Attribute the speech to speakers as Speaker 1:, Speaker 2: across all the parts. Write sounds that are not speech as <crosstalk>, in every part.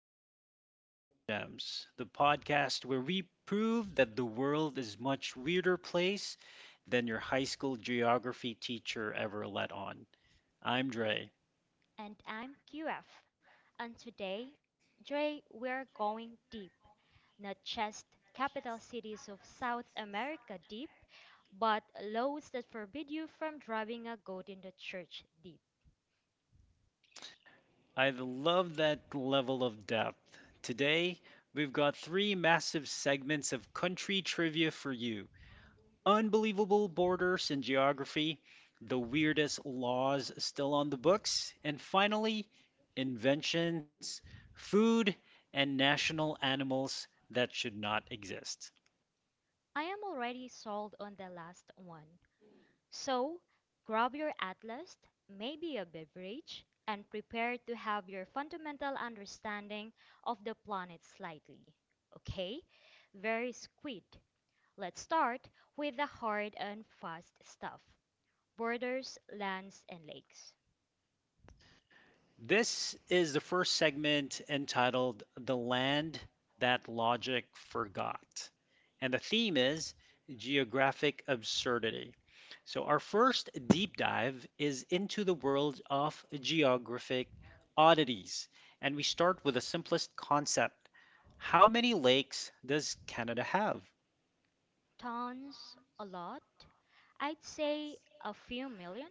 Speaker 1: Goofballs and Geo Gems, the podcast where we prove that the world is much weirder place than your high school geography teacher ever let on. I'm Dre.
Speaker 2: And I'm QF. And today, Dre, we're going deep. Not just capital cities of South America deep, but laws that forbid you from driving a goat in the church deep.
Speaker 1: I love that level of depth. Today, we've got three massive segments of country trivia for you. Unbelievable borders and geography, the weirdest laws still on the books, and finally, inventions, food, and national animals that should not exist.
Speaker 2: I am already sold on the last one. So, grab your atlas, maybe a beverage, and prepare to have your fundamental understanding of the planet slightly. Okay? Very squid. Let's start with the hard and fast stuff borders, lands, and lakes.
Speaker 1: This is the first segment entitled The Land That Logic Forgot, and the theme is geographic absurdity. So, our first deep dive is into the world of geographic oddities. And we start with the simplest concept: how many lakes does Canada have?
Speaker 2: Tons, a lot. I'd say a few million.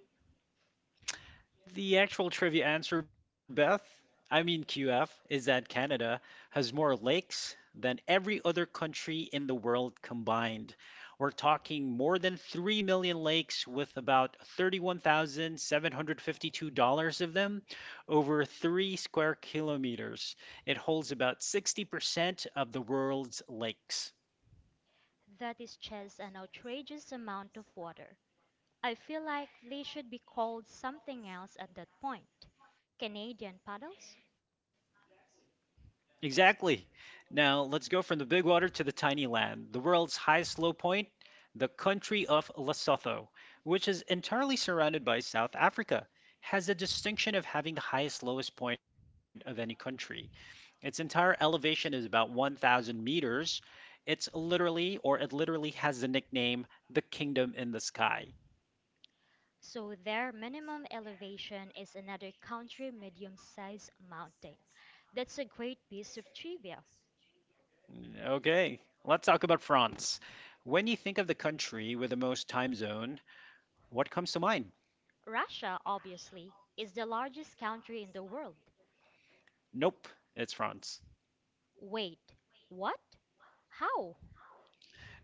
Speaker 1: The actual trivia answer, Beth, I mean QF, is that Canada has more lakes than every other country in the world combined. We're talking more than 3 million lakes, with about $31,752 of them over 3 square kilometers. It holds about 60% of the world's lakes.
Speaker 2: That is just an outrageous amount of water. I feel like they should be called something else at that point. Canadian paddles?
Speaker 1: Exactly. Now let's go from the big water to the tiny land, the world's highest low point. The country of Lesotho, which is entirely surrounded by South Africa, has the distinction of having the highest lowest point of any country. Its entire elevation is about 1,000 meters. It's literally, or it literally has the nickname, the kingdom in the sky.
Speaker 2: So their minimum elevation is another country medium sized mountain. That's a great piece of trivia.
Speaker 1: Okay, let's talk about France. When you think of the country with the most time zone, what comes to mind?
Speaker 2: Russia, obviously, is the largest country in the world.
Speaker 1: Nope, it's France.
Speaker 2: Wait, what? How?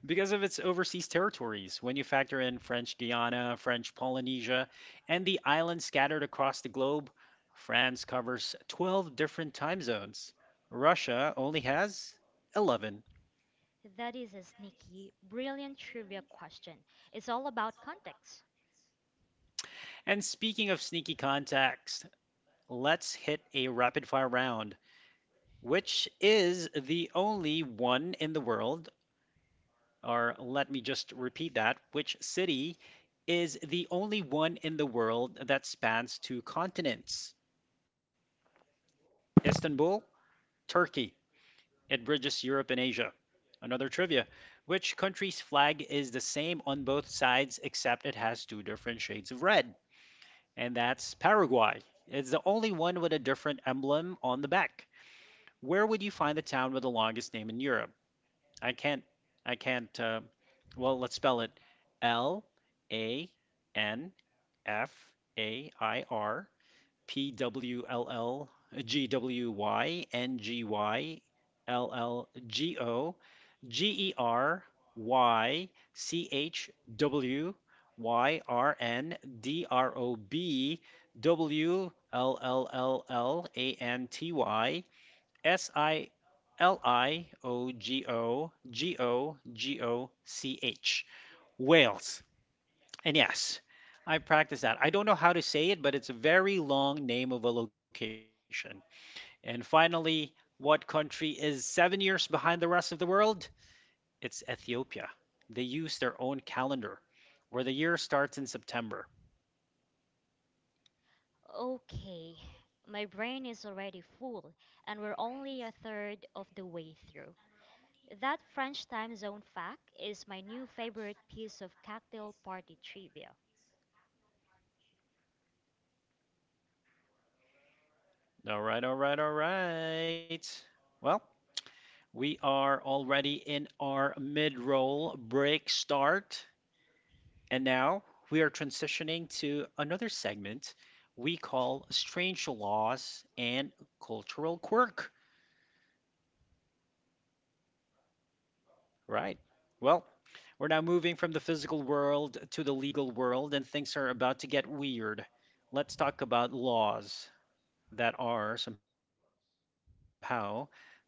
Speaker 1: Because of its overseas territories, when you factor in French Guiana, French Polynesia, and the islands scattered across the globe, France covers 12 different time zones. Russia only has 11.
Speaker 2: That is a sneaky, brilliant trivia question. It's all about context.
Speaker 1: And speaking of sneaky contacts, let's hit a rapid fire round, which is the only one in the world, or let me just repeat that, which city is the only one in the world that spans two continents? Istanbul, Turkey. It bridges Europe and Asia. Another trivia: which country's flag is the same on both sides except it has two different shades of red? And that's Paraguay. It's the only one with a different emblem on the back. Where would you find the town with the longest name in Europe? I can't. I can't. Uh, well, let's spell it: Lanfairpwllgwyngyllgogerychwyrndrobwllllantysiliogogogoch. Wales. And yes, I practiced that. I don't know how to say it, but it's a very long name of a location. And finally, what country is 7 years behind the rest of the world? It's Ethiopia. They use their own calendar where the year starts in September.
Speaker 2: Okay, my brain is already full, and we're only a third of the way through. That French time zone fact is my new favorite piece of cocktail party trivia.
Speaker 1: All right, all right, all right. Well, we are already in our mid roll break start. And now we are transitioning to another segment we call Strange Laws and Cultural Quirk, right? Well, we're now moving from the physical world to the legal world, and things are about to get weird. Let's talk about laws that are somehow still on the books.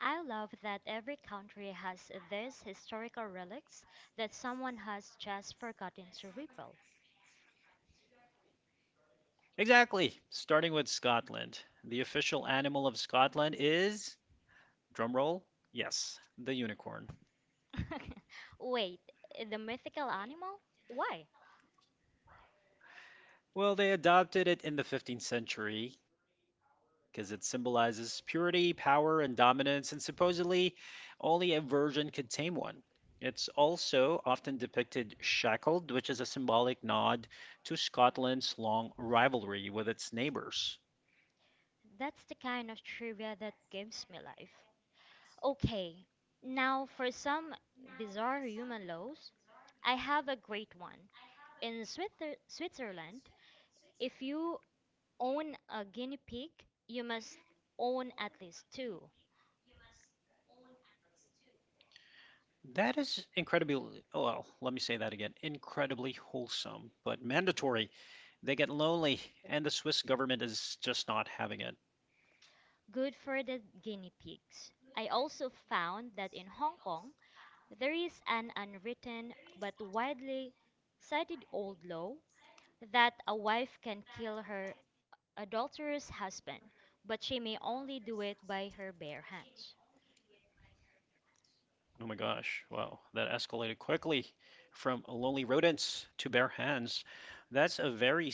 Speaker 2: I love that every country has these historical relics that someone has just forgotten to repel.
Speaker 1: Exactly. Starting with Scotland. The official animal of Scotland is, drumroll, yes, the unicorn.
Speaker 2: <laughs> Wait, the mythical animal? Why?
Speaker 1: Well, they adopted it in the 15th century because it symbolizes purity, power, and dominance, and supposedly only a virgin could tame one. It's also often depicted shackled, which is a symbolic nod to Scotland's long rivalry with its neighbors.
Speaker 2: That's the kind of trivia that gives me life. Okay, now for some bizarre human laws, I have a great one. In Switzerland, if you own a guinea pig, you must own at least two.
Speaker 1: That is incredibly, oh, well, let me say that again, incredibly wholesome, but mandatory. They get lonely, and the Swiss government is just not having it.
Speaker 2: Good for the guinea pigs. I also found that in Hong Kong, there is an unwritten but widely cited old law that a wife can kill her adulterous husband, but she may only do it by her bare hands.
Speaker 1: Oh my gosh, wow, that escalated quickly from lonely rodents to bare hands.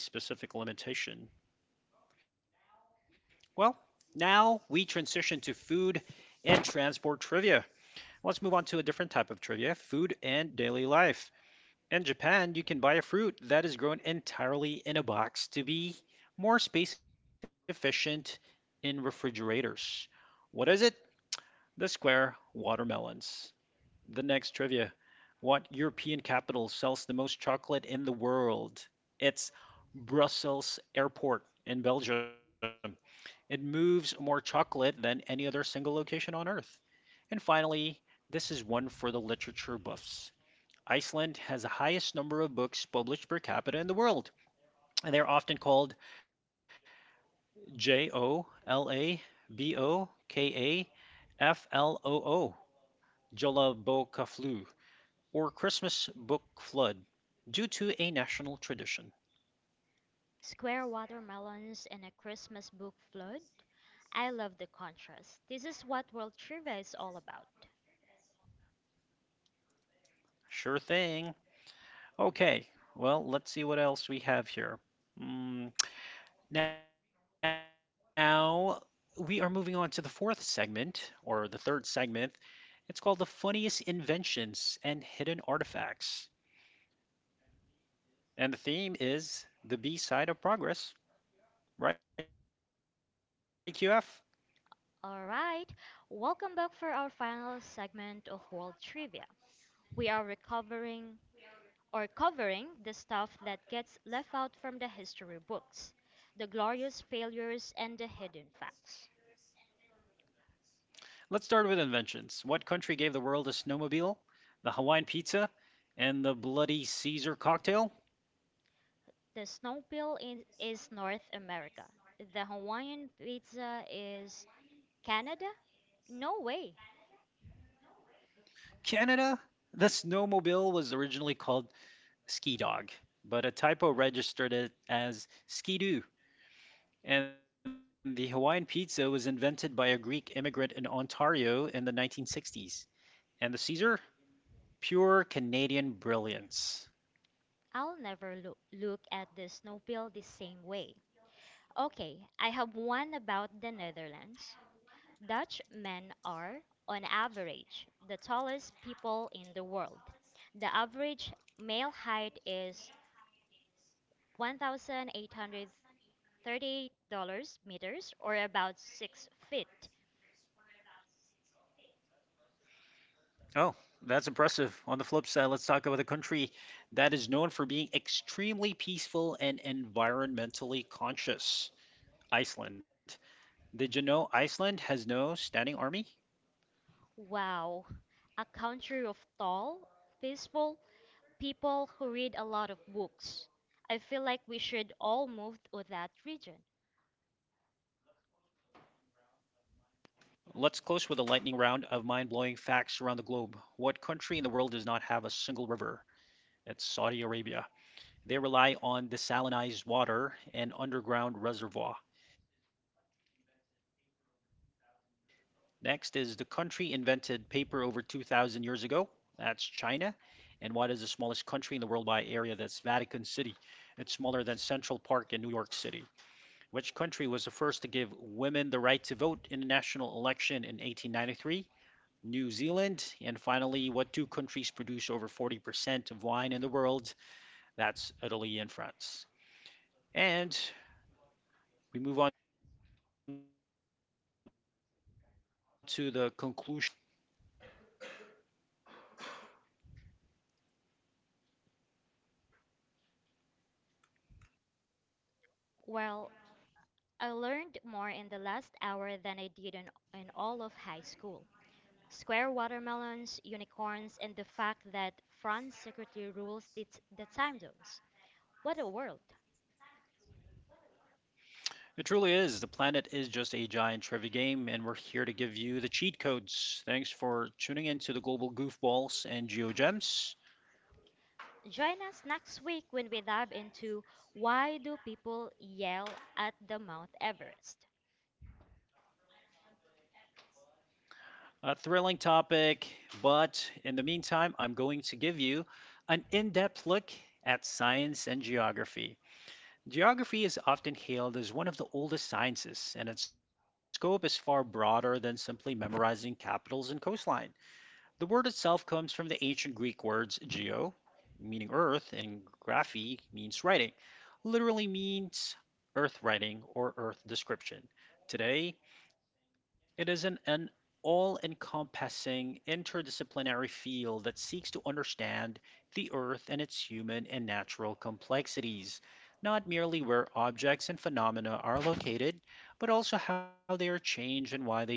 Speaker 1: That's a very specific limitation. Well, now we transition to food and transport trivia. Let's move on to a different type of trivia food and daily life. In Japan, you can buy a fruit that is grown entirely in a box to be more space efficient in refrigerators. What is it? The square watermelons. The next trivia. What European capital sells the most chocolate in the world? It's Brussels Airport in Belgium. It moves more chocolate than any other single location on Earth. And finally, this is one for the literature buffs. Iceland has the highest number of books published per capita in the world, and they are often called Jolabokafloo, Jolabokaflu, or Christmas Book Flood, due to a national tradition.
Speaker 2: Square watermelons in a Christmas book flood. I love the contrast. This is what World Trivia is all about.
Speaker 1: Sure thing. Okay, well, let's see what else we have here. Mm, now, we are moving on to the fourth segment, or the third segment. It's called The Funniest Inventions and Hidden Artifacts. And the theme is the B side of progress, right, QF?
Speaker 2: All right, welcome back for our final segment of World Trivia. We are recovering or covering the stuff that gets left out from the history books, the glorious failures and the hidden facts.
Speaker 1: Let's start with inventions. What country gave the world a snowmobile, the Hawaiian pizza, and the bloody Caesar cocktail?
Speaker 2: The snowmobile in, is North America. The Hawaiian pizza is Canada? No way.
Speaker 1: Canada. The snowmobile was originally called ski dog, but a typo registered it as skidoo. And the Hawaiian pizza was invented by a Greek immigrant in Ontario in the 1960s. And the Caesar, pure Canadian brilliance.
Speaker 2: I'll never look at the snowmobile the same way. Okay, I have one about the Netherlands. Dutch men are, on average, the tallest people in the world. The average male height is 1,838 meters or about 6 feet.
Speaker 1: Oh, that's impressive. On the flip side, let's talk about a country that is known for being extremely peaceful and environmentally conscious. Iceland. Did you know Iceland has no standing army?
Speaker 2: Wow, a country of tall, peaceful people who read a lot of books. I feel like we should all move to that region.
Speaker 1: Let's close with a lightning round of mind blowing facts around the globe. What country in the world does not have a single river? It's Saudi Arabia. They rely on desalinized water and underground reservoir. Next is the country invented paper over 2,000 years ago. That's China. And what is the smallest country in the world by area? That's Vatican City. It's smaller than Central Park in New York City. Which country was the first to give women the right to vote in a national election in 1893? New Zealand. And finally, what two countries produce over 40% of wine in the world? That's Italy and France. And we move on to the conclusion and sign off. Okay, on to you, QF.
Speaker 2: Well, I learned more in the last hour than I did in all of high school. Square watermelons, unicorns, and the fact that France secretly rules the time zones. What a world!
Speaker 1: It truly is. The planet is just a giant trivia game, and we're here to give you the cheat codes. Thanks for tuning in to the Global Goofballs and GeoGems.
Speaker 2: Join us next week when we dive into why do people yell at the Mount Everest?
Speaker 1: A thrilling topic, but in the meantime, I'm going to give you an in depth look at science and geography. Geography is often hailed as one of the oldest sciences, and its scope is far broader than simply memorizing capitals and coastline. The word itself comes from the ancient Greek words geo, meaning earth, and graphi, means writing, literally means earth writing or earth description. Today, it is an all encompassing interdisciplinary field that seeks to understand the earth and its human and natural complexities, not merely where objects and phenomena are located, but also how they are changed and why they change to be there.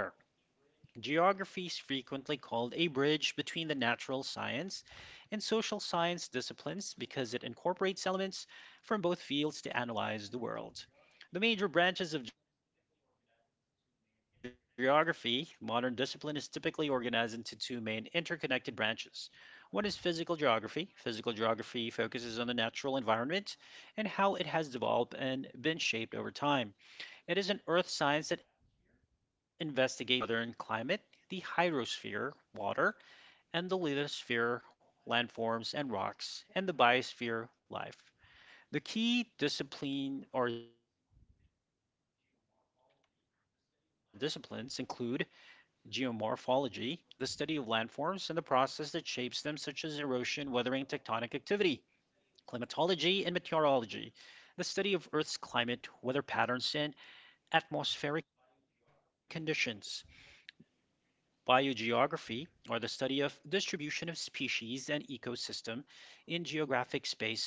Speaker 1: Geography is frequently called a bridge between the natural science and social science disciplines because it incorporates elements from both fields to analyze the world. The major branches of geography, modern discipline is typically organized into two main interconnected branches. One is physical geography. Physical geography focuses on the natural environment and how it has developed and been shaped over time. It is an earth science that investigates the four spheres of the earth: the atmosphere, where you have weather and climate; the hydrosphere, water; and the lithosphere, landforms and rocks; and the biosphere, life. The key discipline or disciplines include geomorphology, the study of landforms and the process that shapes them such as erosion, weathering, and tectonic activity; climatology and meteorology, the study of Earth's climate, weather patterns, and atmospheric conditions; biogeography, or the study of distribution of species and ecosystem in geographic space and through geological time;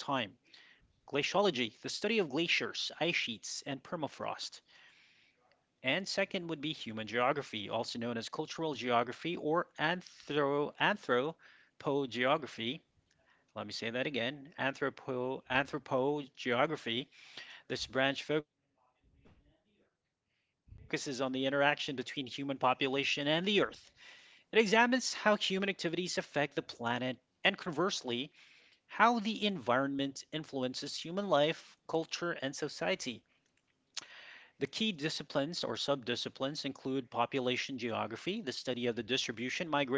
Speaker 1: glaciology, the study of glaciers, ice sheets, and permafrost. And second would be human geography, also known as cultural geography or anthropogeography. Let me say that again: anthropogeography. This branch focuses on the interaction between human population and the earth. It examines how human activities affect the planet and, conversely, how the environment influences human life, culture, and society. The key disciplines or subdisciplines include population geography, the study of the distribution, migration, settlement patterns,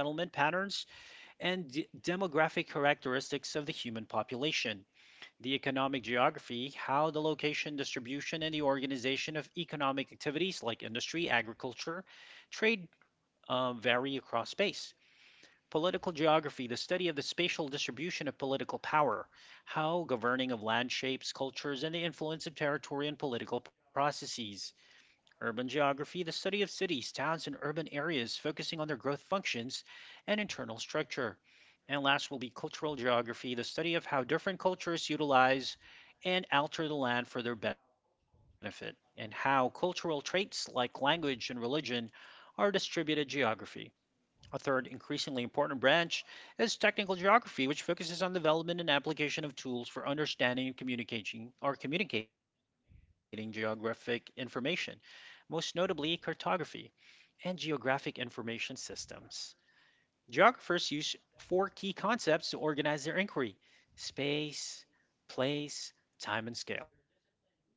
Speaker 1: and demographic characteristics of the human population; the economic geography, how the location, distribution, and the organization of economic activities like industry, agriculture, trade vary across space; political geography, the study of the spatial distribution of political power, how governing of land shapes cultures and the influence of territory and political processes; urban geography, the study of cities, towns, and urban areas, focusing on their growth functions and internal structure. And last will be cultural geography, the study of how different cultures utilize and alter the land for their benefit, and how cultural traits like language and religion are distributed geography. A third, increasingly important branch is technical geography, which focuses on development and application of tools for understanding and communicating geographic information, most notably cartography and geographic information systems. Geographers use four key concepts to organize their inquiry: space, place, time, and scale.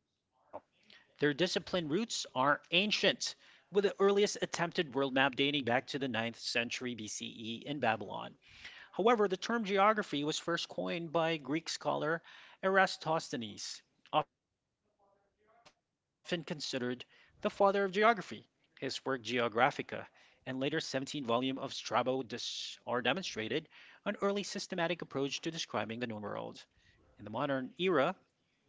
Speaker 1: Their discipline roots are ancient, with the earliest attempted world map dating back to the 9th century BCE in Babylon. However, the term geography was first coined by Greek scholar Eratosthenes, often considered the father of geography. His work Geographica and later 17 volume of Strabo are demonstrated an early systematic approach to describing the known world. In the modern era,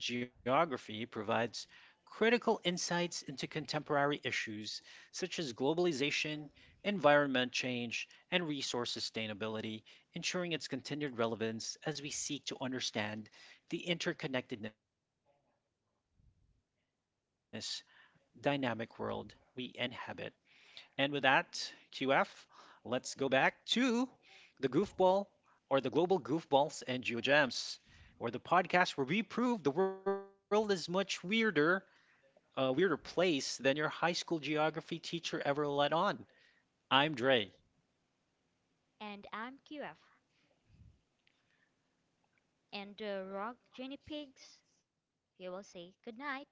Speaker 1: Geography provides critical insights into contemporary issues such as globalization, environment change, and resource sustainability, ensuring its continued relevance as we seek to understand the interconnectedness, dynamic world we inhabit. And with that, QF, let's go back to the Goofball, or the Global Goofballs and Geogems, or the podcast where we prove the world is much weirder, a weirder place than your high school geography teacher ever let on. I'm Dre.
Speaker 2: And I'm QF, and the rock guinea pigs. He will say good night.